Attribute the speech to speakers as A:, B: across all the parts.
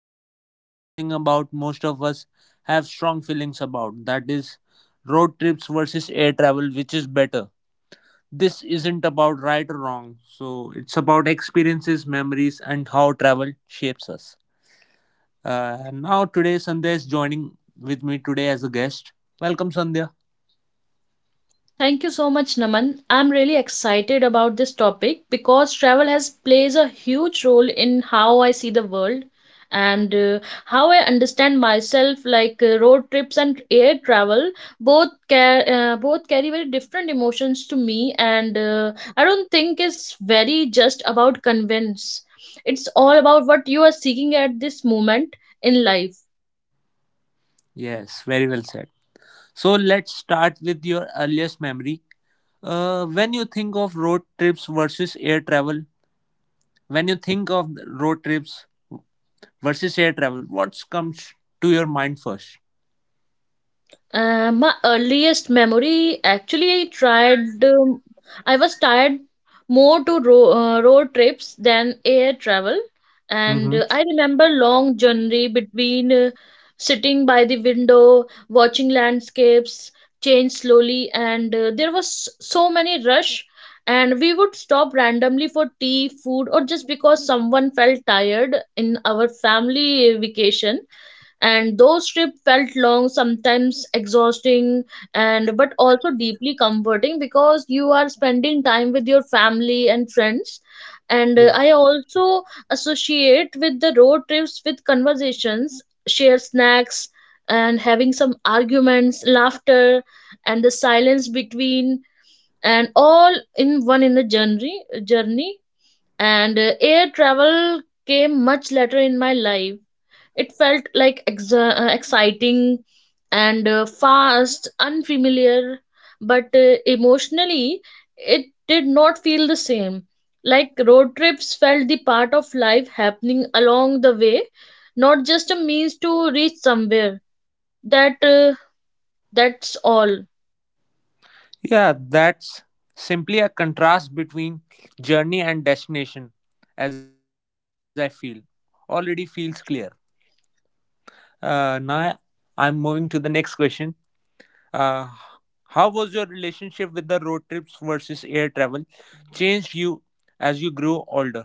A: Today's topic is something about most of us have strong feelings about, that is road trips versus air travel, which is better. This isn't about right or wrong. So it's about experiences, memories and how travel shapes us. Now today Sandhya is joining with me today as a guest. Welcome Sandhya.
B: Thank you so much, Naman. I'm really excited about this topic because travel has plays a huge role in how I see the world and how I understand myself. Road trips and air travel, both carry very different emotions to me, and I don't think it's very just about convince. It's all about what you are seeking at this moment in life.
A: Yes, very well said. So let's start with your earliest memory. When you think of road trips versus air travel, When you think of road trips versus air travel, what comes to your mind first?
B: My earliest memory, actually, I tried. I was tired more to road trips than air travel, and
A: hmm
B: I remember long journey between, sitting by the window, watching landscapes change slowly, and there was so many rush, and we would stop randomly for tea, food, or just because someone felt tired in our family vacation, and those trips felt long, sometimes exhausting, and but also deeply comforting because you are spending time with your family and friends. And I also associate with the road trips with conversations, share snacks, and having some arguments, laughter, and the silence between, and all in one in the journey. And air travel came much later in my life. It felt like exciting and fast, unfamiliar, but emotionally it did not feel the same. Like, road trips felt the part of life happening along the way, not just a means to reach somewhere. that uh, that's all.
A: Yeah, that's simply a contrast between journey and destination, as I feel. Already feels clear. Now I'm moving to the next question. Uh, how was your relationship with the road trips versus air travel changed you as you grew older?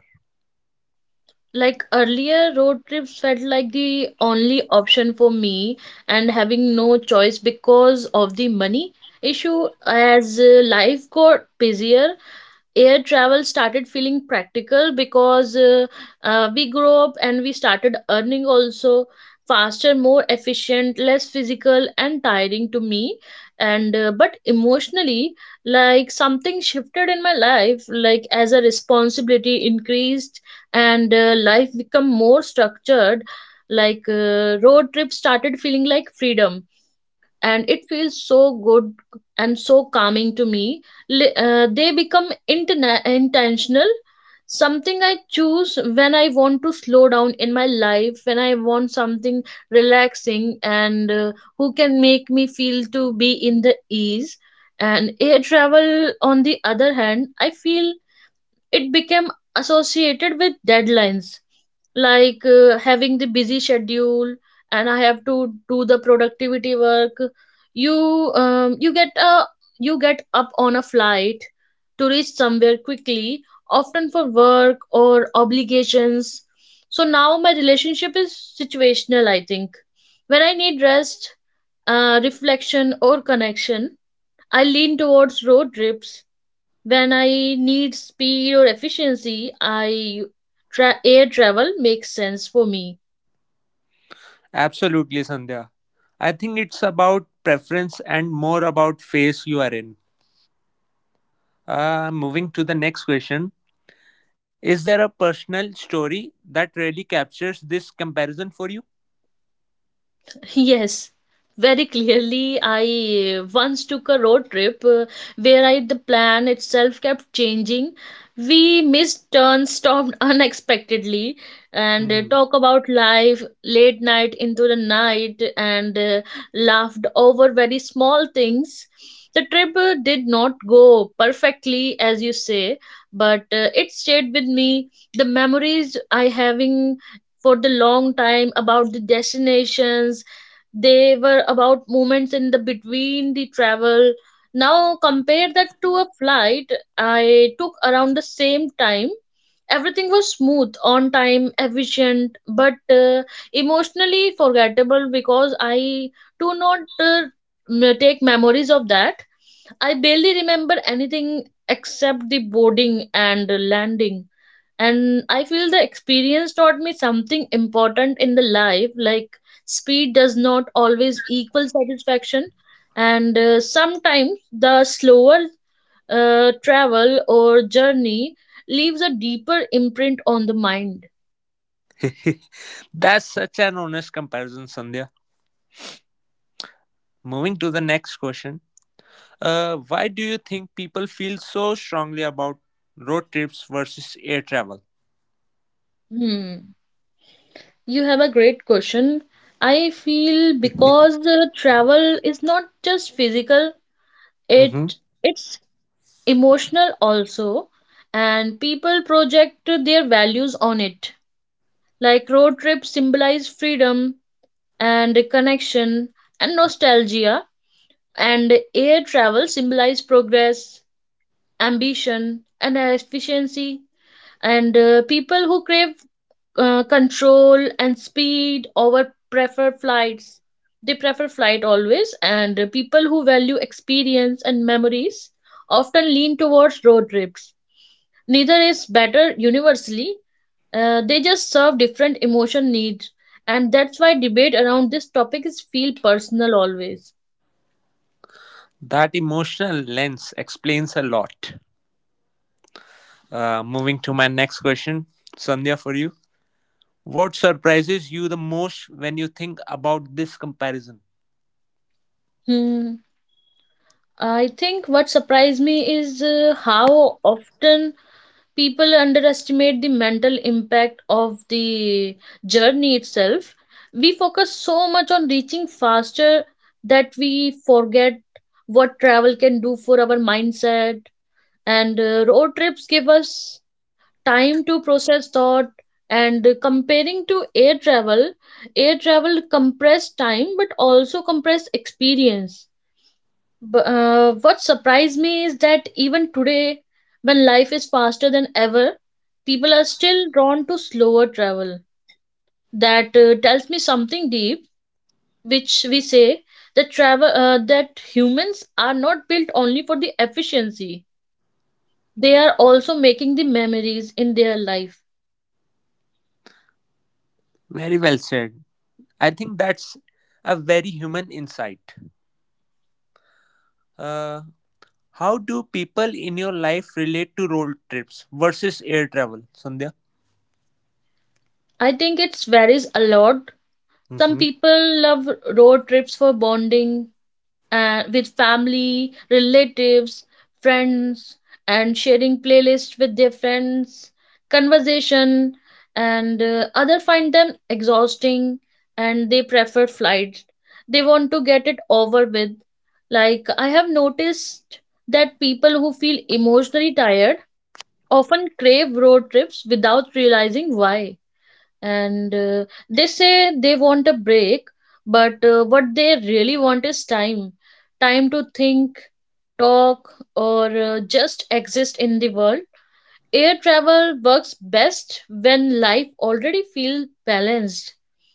B: Like earlier, road trips felt like the only option for me, and having no choice because of the money issue. As life got busier, air travel started feeling practical, because we grew up and we started earning also, faster, more efficient, less physical and tiring to me. And but emotionally, like, something shifted in my life, like as a responsibility increased and life become more structured. Like, road trip started feeling like freedom, and it feels so good and so calming to me. They become intentional, something I choose when I want to slow down in my life, when I want something relaxing and who can make me feel to be in the ease. And air travel, on the other hand, I feel it became associated with deadlines, like having the busy schedule, and I have to do the productivity work. You get a, you get up on a flight to reach somewhere quickly, often for work or obligations. So now my relationship is situational, I think. When I need rest, reflection or connection, I lean towards road trips. When I need speed or efficiency, I air travel makes sense for me.
A: Absolutely, Sandhya. I think it's about preference and more about phase you are in. Moving to the next question. Is there a personal story that really captures this comparison for you?
B: Yes, very clearly. I once took a road trip where I, the plan itself kept changing. We missed turns, stopped unexpectedly, and
A: Mhm.
B: talk about life late night into the night, and laughed over very small things. The trip did not go perfectly, as you say, but it stayed with me. The memories I having for the long time about the destinations, they were about moments in the between the travel. Now compare that to a flight I took around the same time. Everything was smooth, on time, efficient, but emotionally forgettable, because I do not take memories of that. I barely remember anything except the boarding and landing. And I feel the experience taught me something important in the life, like, speed does not always equal satisfaction. And sometimes the slower travel or journey leaves a deeper imprint on the mind.
A: That's such an honest comparison, Sandhya. Moving to the next question. Why do you think people feel so strongly about road trips versus air travel?
B: Hmm. You have a great question. I feel because travel is not just physical,
A: Mhm.
B: it it's emotional also, and people project their values on it. Like, road trips symbolize freedom and connection and nostalgia, and air travel symbolize progress, ambition, and efficiency. And people who crave control and speed over prefer flights. They prefer flight always, and people who value experience and memories often lean towards road trips. Neither is better universally. They just serve different emotion needs, and that's why debate around this topic is feel personal always.
A: That emotional lens explains a lot. Moving to my next question, Sandhya, for you. What surprises you the most when you think about this comparison?
B: Hmm. I think what surprised me is how often people underestimate the mental impact of the journey itself. We focus so much on reaching faster that we forget what travel can do for our mindset. And road trips give us time to process thought, and comparing to air travel, air travel compressed time but also compressed experience. But, what surprised me is that even today, when life is faster than ever, people are still drawn to slower travel. That tells me something deep, which we say, that travel that humans are not built only for the efficiency, they are also making the memories in their life.
A: Very well said. I think that's a very human insight. Uh, how do people in your life relate to road trips versus air travel, Sandhya?
B: I think it varies a lot. Some
A: hmm
B: people love road trips for bonding with family, relatives, friends, and sharing playlists with their friends, conversation, and other find them exhausting and they prefer flight. They want to get it over with. Like, I have noticed that people who feel emotionally tired often crave road trips without realizing why, and they say they want a break, but what they really want is time. Time to think, talk, or just exist in the world. Air travel works best when life already feels balanced.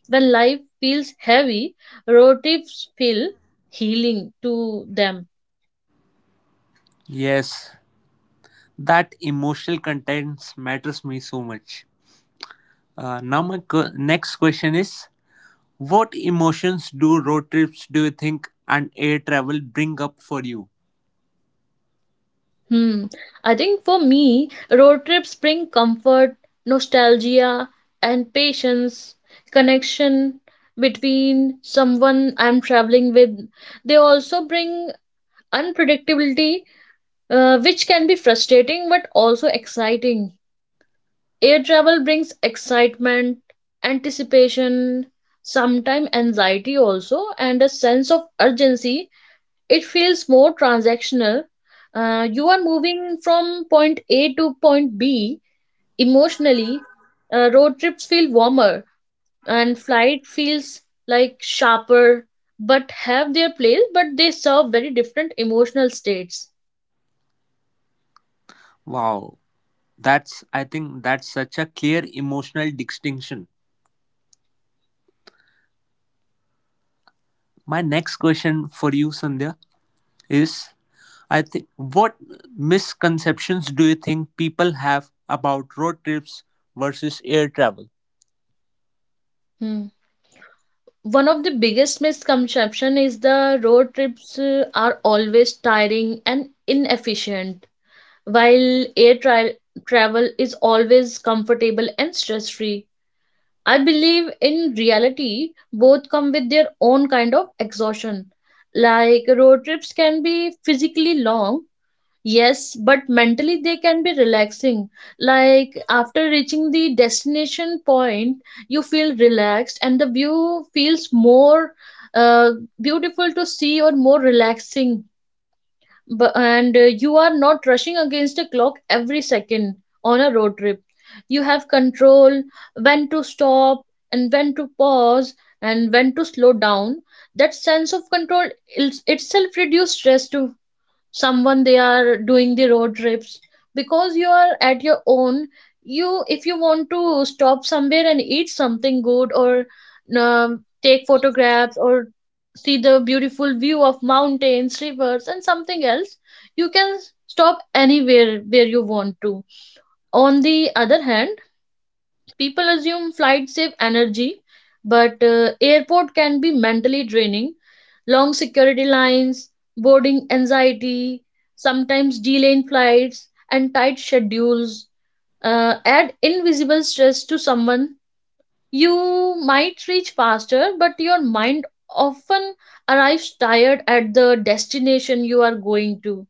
B: When life feels heavy, road trips feel healing to them.
A: Yes, that emotional contents matters me so much. Now my next question is: What emotions do road trips do you think and air travel bring up for you?
B: Hmm. I think for me, road trips bring comfort, nostalgia, and patience, connection between someone I'm traveling with. They also bring unpredictability, which can be frustrating but also exciting. Air travel brings excitement, anticipation, sometimes anxiety also, and a sense of urgency. It feels more transactional. You are moving from point A to point B emotionally. Road trips feel warmer and flight feels like sharper, but have their place, but they serve very different emotional states.
A: Wow, that's I think that's such a clear emotional distinction. My next question for you, Sandhya, is: I think what misconceptions do you think people have about road trips versus air travel?
B: Hmm. One of the biggest misconception is the road trips are always tiring and inefficient, while travel is always comfortable and stress-free. I believe in reality, both come with their own kind of exhaustion. Like, road trips can be physically long, yes, but mentally they can be relaxing. Like, after reaching the destination point, you feel relaxed and the view feels more uh, beautiful to see or more relaxing. But and you are not rushing against a clock every second. On a road trip, you have control when to stop, and when to pause, and when to slow down. That sense of control is itself reduces stress to someone they are doing the road trips, because you are at your own. You, if you want to stop somewhere and eat something good, or take photographs, or see the beautiful view of mountains, rivers, and something else, you can stop anywhere where you want to. On the other hand, people assume flights save energy, but airport can be mentally draining. Long security lines, boarding anxiety, sometimes delayed flights, and tight schedules add invisible stress to someone. You might reach faster, but your mind often arrives tired at the destination you are going to.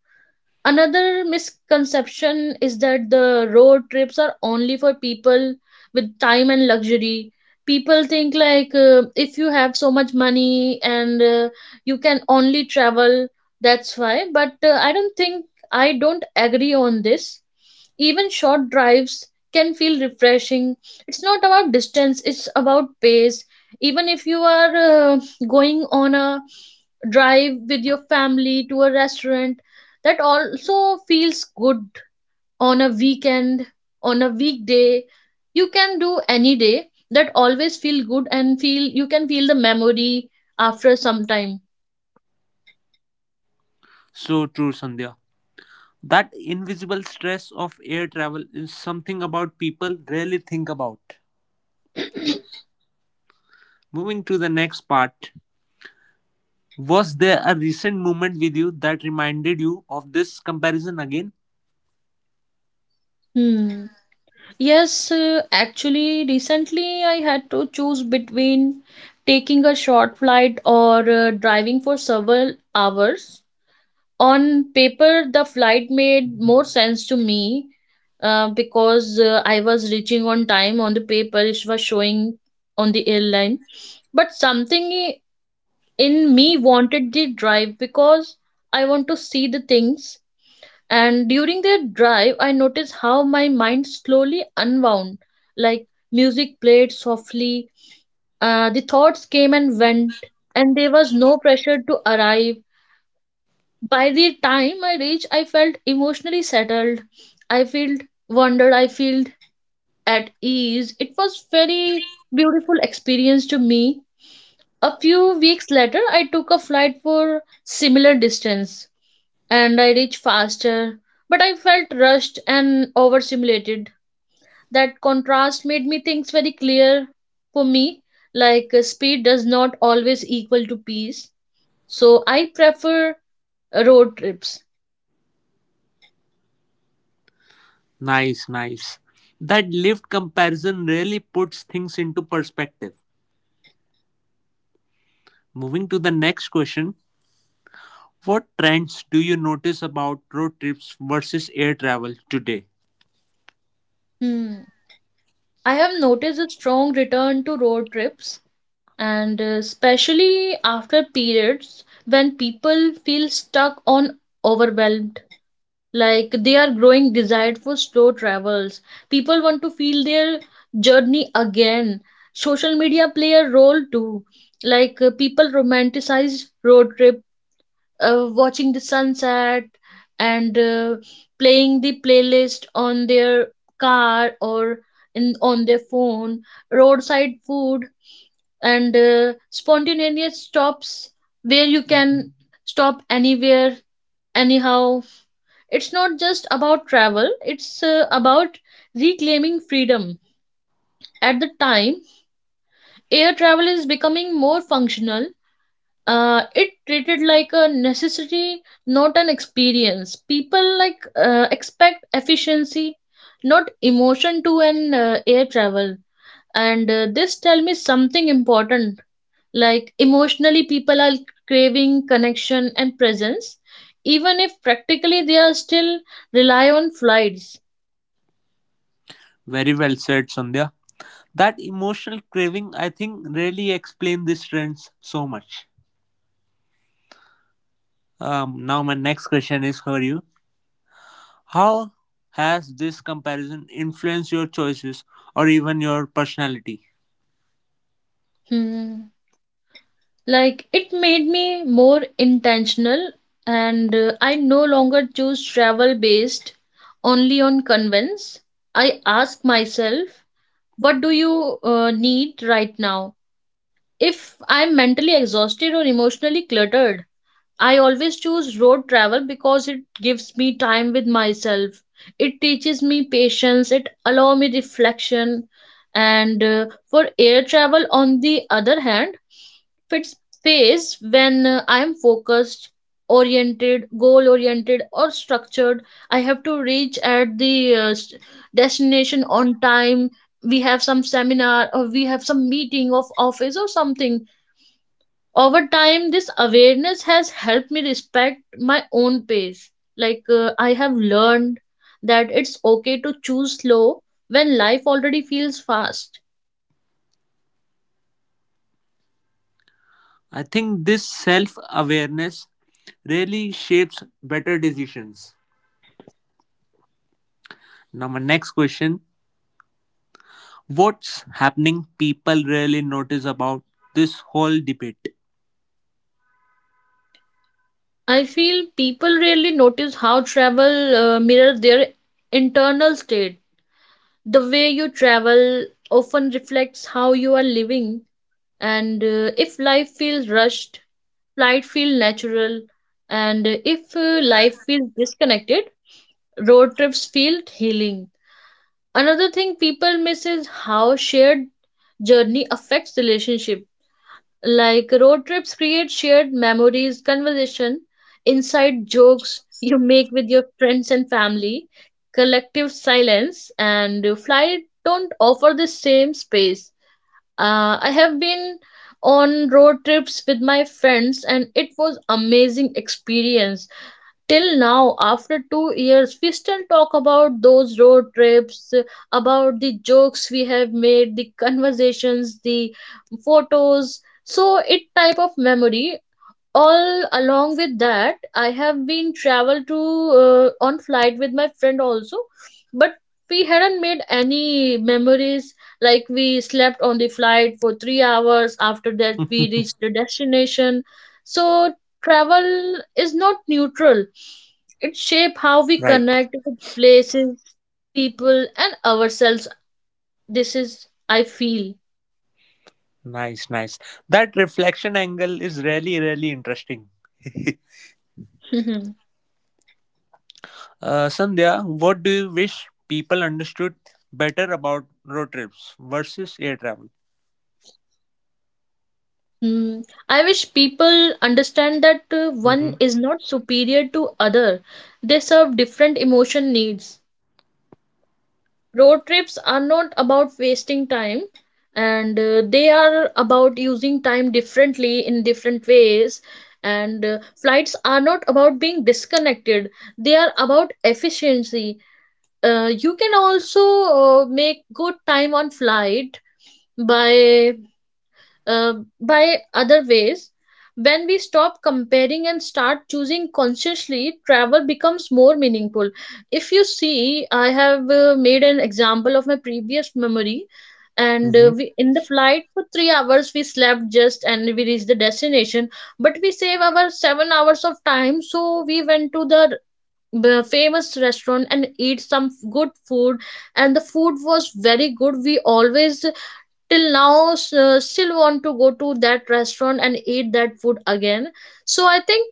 B: Another misconception is that the road trips are only for people with time and luxury. People think, like, if you have so much money and you can only travel, that's why. But I don't think, I don't agree on this. Even short drives can feel refreshing. It's not about distance, it's about pace. Even if you are going on a drive with your family to a restaurant, that also feels good. On a weekend, on a weekday, you can do any day, that always feel good and feel, you can feel the memory after some time.
A: So true, Sandhya. That invisible stress of air travel is something about people rarely think about. Moving to the next part. Was there a recent moment with you that reminded you of this comparison again?
B: Hmm. Yes, actually recently I had to choose between taking a short flight or driving for several hours. On paper, the flight made more sense to me, because I was reaching on time. On the paper, it was showing on the airline. But something in me wanted the drive because I want to see the things. And during the drive, I noticed how my mind slowly unwound. Like, music played softly, the thoughts came and went, and there was no pressure to arrive. By the time I reached, I felt emotionally settled. I felt wondered. I felt at ease. It was very beautiful experience to me. A few weeks later, I took a flight for similar distance, and I reached faster, but I felt rushed and overstimulated. That contrast made me things very clear for me. Like, speed does not always equal to peace. So I prefer road trips.
A: Nice, nice. That lived comparison really puts things into perspective. Moving to the next question. What trends do you notice about road trips versus air travel today?
B: Hmm. I have noticed a strong return to road trips, and especially after periods when people feel stuck on overwhelmed, like they are growing desired for slow travels. People want to feel their journey again. Social media play a role too. People romanticize road trip, watching the sunset and playing the playlist on their car or in on their phone, roadside food and spontaneous stops where you can stop anywhere, anyhow. It's not just about travel, it's about reclaiming freedom. At the time, air travel is becoming more functional. It treated like a necessity, not an experience. People expect efficiency, not emotion, to an air travel, and this tell me something important. Like, emotionally, people are craving connection and presence, even if practically they are still rely on flights.
A: Very well said, Sandhya. That emotional craving, I think, really explain these trends so much. My next question is for you. How has this comparison influenced your choices or even your personality?
B: Hmm. Like, it made me more intentional, and I no longer choose travel based only on convenience. I ask myself, what do you need right now? If I'm mentally exhausted or emotionally cluttered, I always choose road travel because it gives me time with myself. It teaches me patience, it allow me reflection, and for air travel, on the other hand, fits phase when I am focused, oriented, goal oriented or structured. I have to reach at the destination on time. We have some seminar or we have some meeting of office or something. Over time, this awareness has helped me respect my own pace. I have learned that it's okay to choose slow when life already feels fast.
A: I think this self awareness really shapes better decisions. Now, my next question. What's happening people really notice about this whole debate.
B: I feel people rarely notice how travel mirrors their internal state. The way you travel often reflects how you are living, and if life feels rushed, flight feel natural, and if life feels disconnected, road trips feel healing. Another thing people miss is how shared journey affects relationship. Like, road trips create shared memories, conversation, inside jokes you make with your friends and family, collective silence, and flight don't offer the same space. I have been on road trips with my friends and it was amazing experience. Till now, after 2 years, we still talk about those road trips, about the jokes we have made, the conversations, the photos. So it type of memory. All along with that, I have been travel to on flight with my friend also, but we hadn't made any memories. Like, we slept on the flight for 3 hours, after that we reached the destination. So travel is not neutral, it shape how we
A: Right.
B: connect with places, people and ourselves. This is, I feel.
A: Nice, nice. That reflection angle is really, really interesting. Sandhya, what do you wish people understood better about road trips versus air travel?
B: Hmm. I wish people understand that one
A: hmm
B: is not superior to other. They serve different emotion needs. Road trips are not about wasting time, and they are about using time differently in different ways, and flights are not about being disconnected. They are about efficiency. You can also make good time on flight by uh, by other ways. When we stop comparing and start choosing consciously, travel becomes more meaningful. If you see, I have made an example of my previous memory, and
A: hmm
B: we in the flight for 3 hours we slept just and we reached the destination, but we save our 7 hours of time, so we went to the famous restaurant and eat some good food, and the food was very good. We always, till now, still want to go to that restaurant and eat that food again. So I think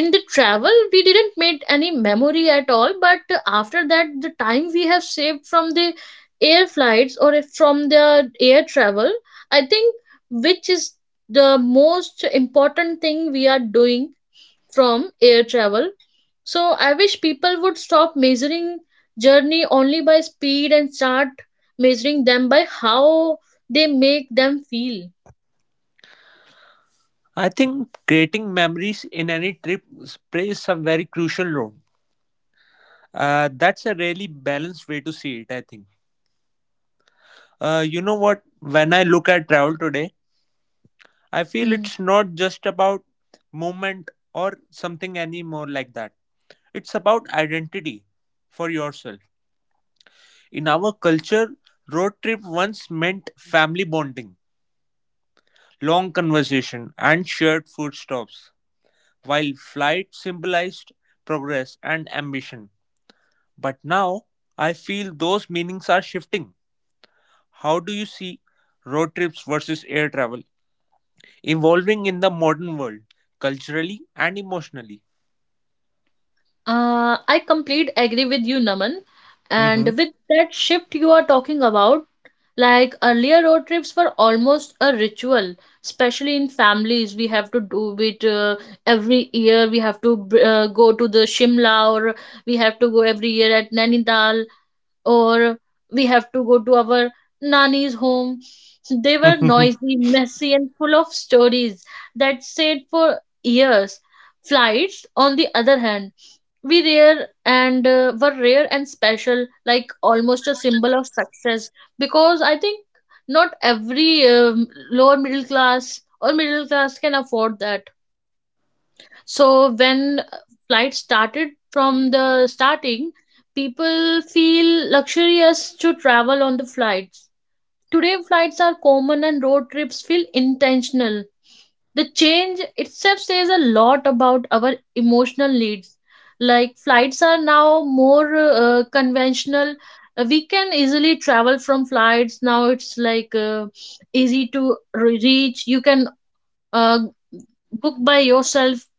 B: in the travel we didn't make any memory at all, but after that the time we have saved from the air flights, or if from the air travel, I think, which is the most important thing we are doing from air travel. So I wish people would stop measuring journey only by speed and start measuring them by how they make them feel.
A: I think creating memories in any trip plays a very crucial role. That's a really balanced way to see it, I think. You know what? When I look at travel today, I feel
B: Hmm.
A: it's not just about movement or something anymore like that. It's about identity for yourself. In our culture, road trip once meant family bonding, long conversation, and shared food stops, while flight symbolized progress and ambition. But now, I feel those meanings are shifting. How do you see road trips versus air travel evolving in the modern world, culturally and emotionally?
B: I complete agree with you, Naman. And with that shift you are talking about, like, earlier road trips were almost a ritual, especially in families. We have to do it every year. We have to go to the Shimla, or we have to go every year at Nainital, or we have to go to our nanny's home. They were
A: Mhm.
B: noisy, messy, and full of stories that stayed for years. Flights, on the other hand, we rare and were rare and special, like almost a symbol of success. Because I think not every lower middle class or middle class can afford that. So when flight started from the starting, people feel luxurious to travel on the flights. Today flights are common and road trips feel intentional. The change itself says a lot about our emotional needs. Like, flights are now more conventional. We can easily travel from flights. Now it's like easy to reach. You can uh, book by yourself.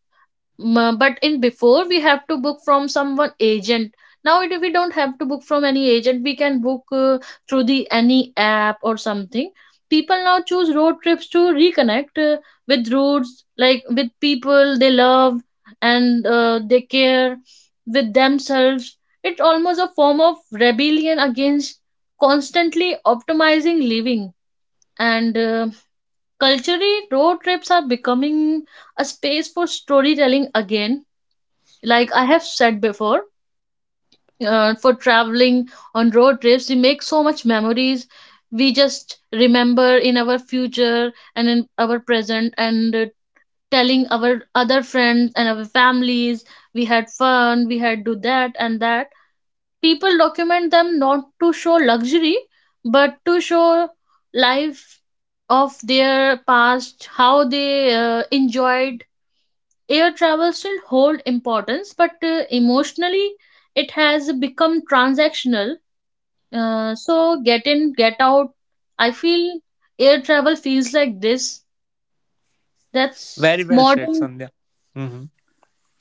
B: Mm, but in before we have to book from someone agent. Now it, we don't have to book from any agent, we can book through the any app or something. People now choose road trips to reconnect with roots, like with people they love and they care, with themselves. It's almost a form of rebellion against constantly optimizing living, and culturally road trips are becoming a space for storytelling again. Like, I have said before, for traveling on road trips we make so much memories. We just remember in our future and in our present, and telling our other friends and our families, we had fun, we had do that and that. People document them not to show luxury, but to show life of their past, how they enjoyed. Air travel still hold importance, but emotionally it has become transactional. So get in, get out. I feel air travel feels like this. that's
A: Very well said,
B: modern
A: Sandhya. hmm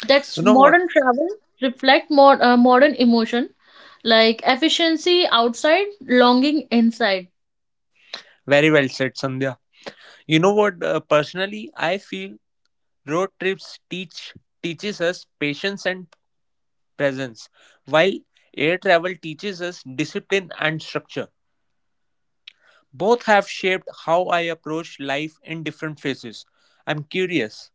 B: that's
A: You know what?
B: modern travel. Reflect more modern emotion, like efficiency outside, longing inside.
A: Very well said, Sandhya. You know what? Personally, I feel road trips teach teaches us patience and presence, while air travel teaches us discipline and structure. Both have shaped how I approach life in different phases. I'm curious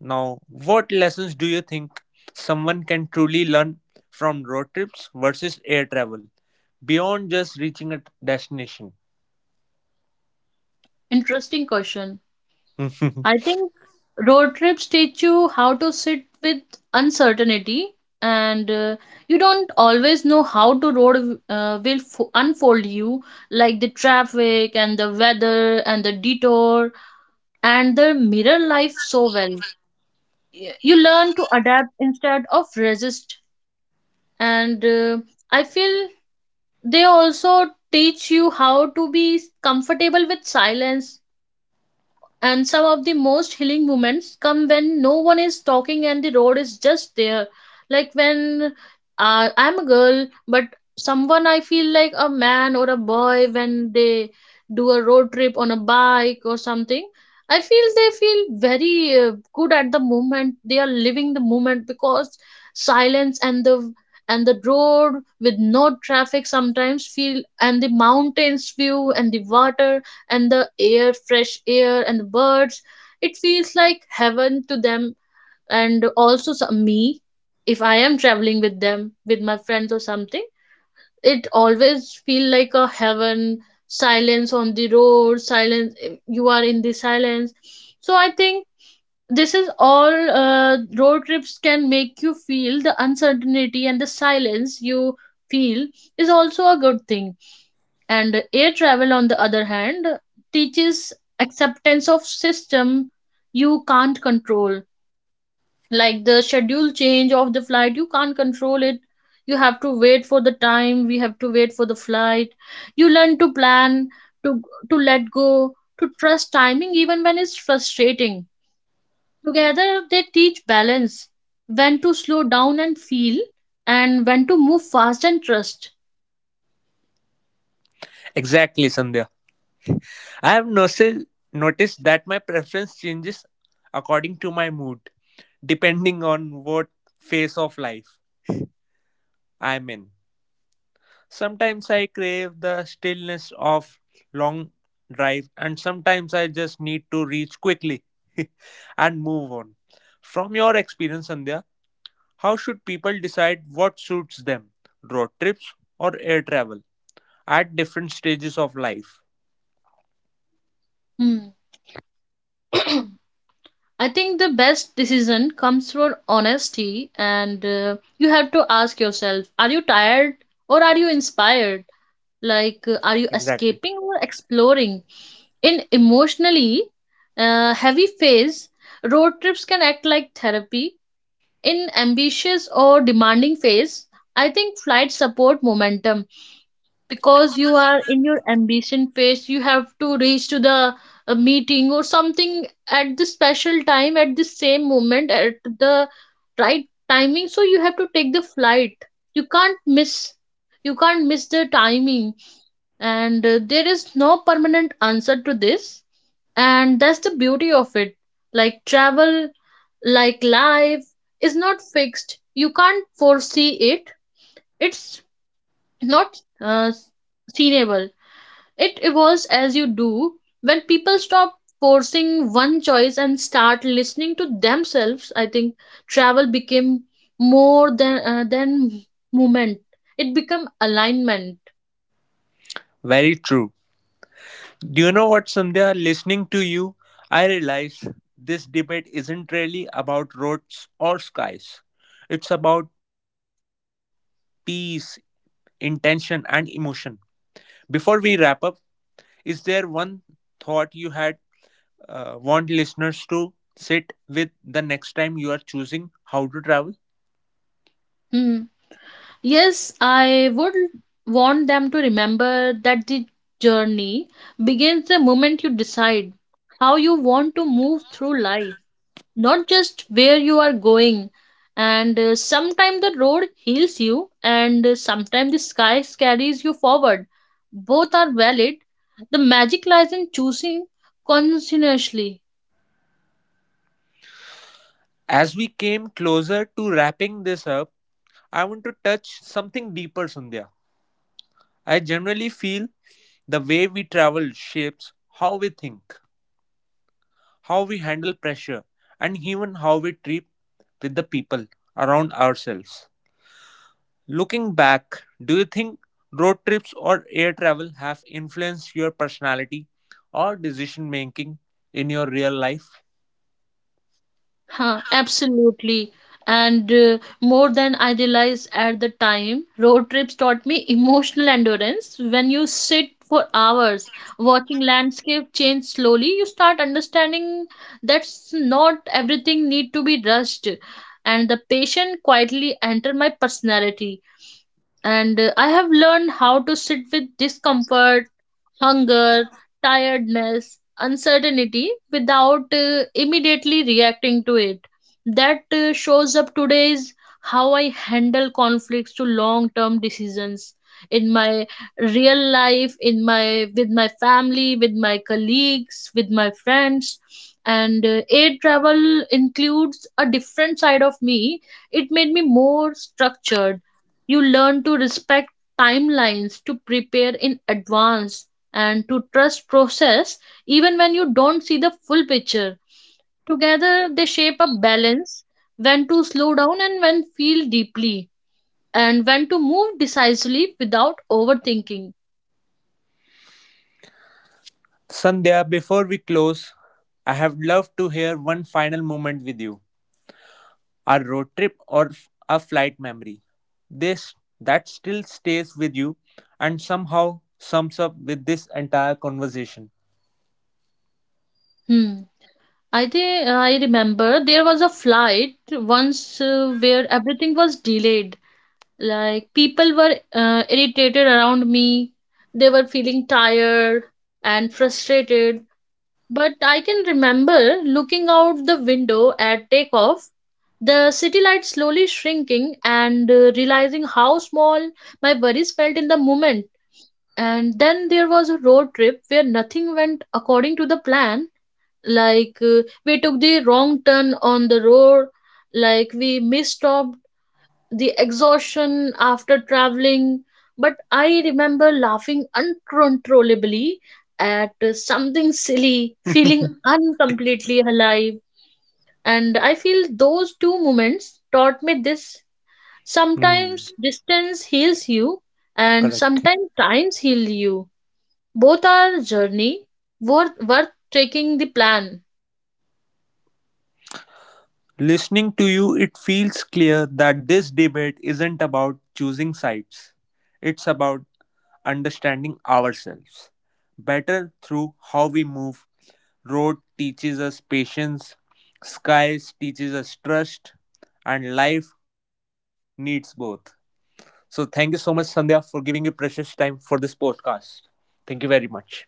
A: now. What lessons do you think someone can truly learn from road trips versus air travel, beyond just reaching a destination?
B: Interesting question. I think road trips teach you how to sit with uncertainty, and you don't always know how the road will unfold you, like the traffic and the weather and the detour, and the mirror life so well. You learn to adapt instead of resist, and I feel they also teach you how to be comfortable with silence. And some of the most healing moments come when no one is talking and the road is just there. Like, when I'm a girl, but someone I feel like a man or a boy when they do a road trip on a bike or something. I feel they feel very good at the moment. They are living the moment because silence and the road with no traffic sometimes feel, and the mountains view and the water and the air, fresh air, and the birds. It feels like heaven to them, and also some, me. If I am traveling with them, with my friends or something, it always feel like a heaven. Silence on the road, silence. You are in the silence. So I think this is all road trips can make you feel. The uncertainty and the silence you feel is also a good thing. And air travel, on the other hand, teaches acceptance of system you can't control. Like, the schedule change of the flight, you can't control it. You have to wait for the time, we have to wait for the flight. You learn to plan, to to let go, to trust timing even when it's frustrating. Together they teach balance, when to slow down and feel, and when to move fast and trust.
A: Exactly, Sandhya. I have noticed that my preference changes according to my mood, depending on what phase of life I'm in. Sometimes I crave the stillness of long drive, and sometimes I just need to reach quickly and move on. From your experience, Sandhya, how should people decide what suits them, road trips or air travel, at different stages of life?
B: Hmm. I think the best decision comes from honesty, and you have to ask yourself, are you tired or are you inspired? Like, are you
A: Exactly.
B: escaping or exploring? In emotionally heavy phase, road trips can act like therapy. In ambitious or demanding phase, I think flights support momentum, because you are in your ambition phase, you have to reach to the meeting or something at the special time, at the same moment, at the right timing, so you have to take the flight. You can't miss, you can't miss the timing, and there is no permanent answer to this, and that's the beauty of it. Like travel, like life, is not fixed, you can't foresee it. It's not seenable, it evolves as you do. When people stop forcing one choice and start listening to themselves, I think travel became more than movement. It became alignment.
A: Very true. Do you know what, Sandhya? Listening to you, I realize this debate isn't really about roads or skies. It's about peace, intention, and emotion. Before we wrap up, is there one thought you had want listeners to sit with the next time you are choosing how to travel?
B: Hmm. Yes, I would want them to remember that the journey begins the moment you decide how you want to move through life, not just where you are going. And sometime the road heals you, and sometime the sky carries you forward. Both are valid, the magic lies in choosing conscientiously.
A: As we came closer to wrapping this up, I want to touch something deeper, Sandhya. I generally feel the way we travel shapes how we think, how we handle pressure, and even how we treat with the people around ourselves. Looking back, do you think road trips or air travel have influenced your personality or decision making in your real life?
B: Huh, absolutely. And more than I realized at the time, road trips taught me emotional endurance. When you sit for hours watching landscape change slowly, you start understanding that's not everything need to be rushed. And the patient quietly entered my personality, and I have learned how to sit with discomfort, hunger, tiredness, uncertainty without immediately reacting to it. That shows up today is how I handle conflicts to long term decisions in my real life, in my with my family, with my colleagues, with my friends. And air travel includes a different side of me. It made me more structured. You learn to respect timelines, to prepare in advance, and to trust process even when you don't see the full picture. Together, they shape a balance, when to slow down and when feel deeply, and when to move decisively without overthinking.
A: Sandhya, before we close, I have loved to hear one final moment with you, a road trip or a flight memory. This that still stays with you and somehow sums up with this entire conversation.
B: Hmm. I think I remember there was a flight once where everything was delayed. Like, people were irritated around me. They were feeling tired and frustrated. But I can remember looking out the window at takeoff, the city lights slowly shrinking, and realizing how small my worries felt in the moment. And then there was a road trip where nothing went according to the plan. Like, we took the wrong turn on the road, like we misstopped the exhaustion after traveling, but I remember laughing uncontrollably at something silly, feeling uncompletely alive. And I feel those two moments taught me this.
A: Hmm,
B: Sometimes distance heals you, and
A: correct.
B: sometimes times heal you. Both are journey worth taking the plan.
A: Listening to you, it feels clear that this debate isn't about choosing sides. It's about understanding ourselves better through how we move. Road teaches us patience, skies teaches us trust, and life needs both. So, thank you so much, Sandhya, for giving you precious time for this podcast. Thank you very much.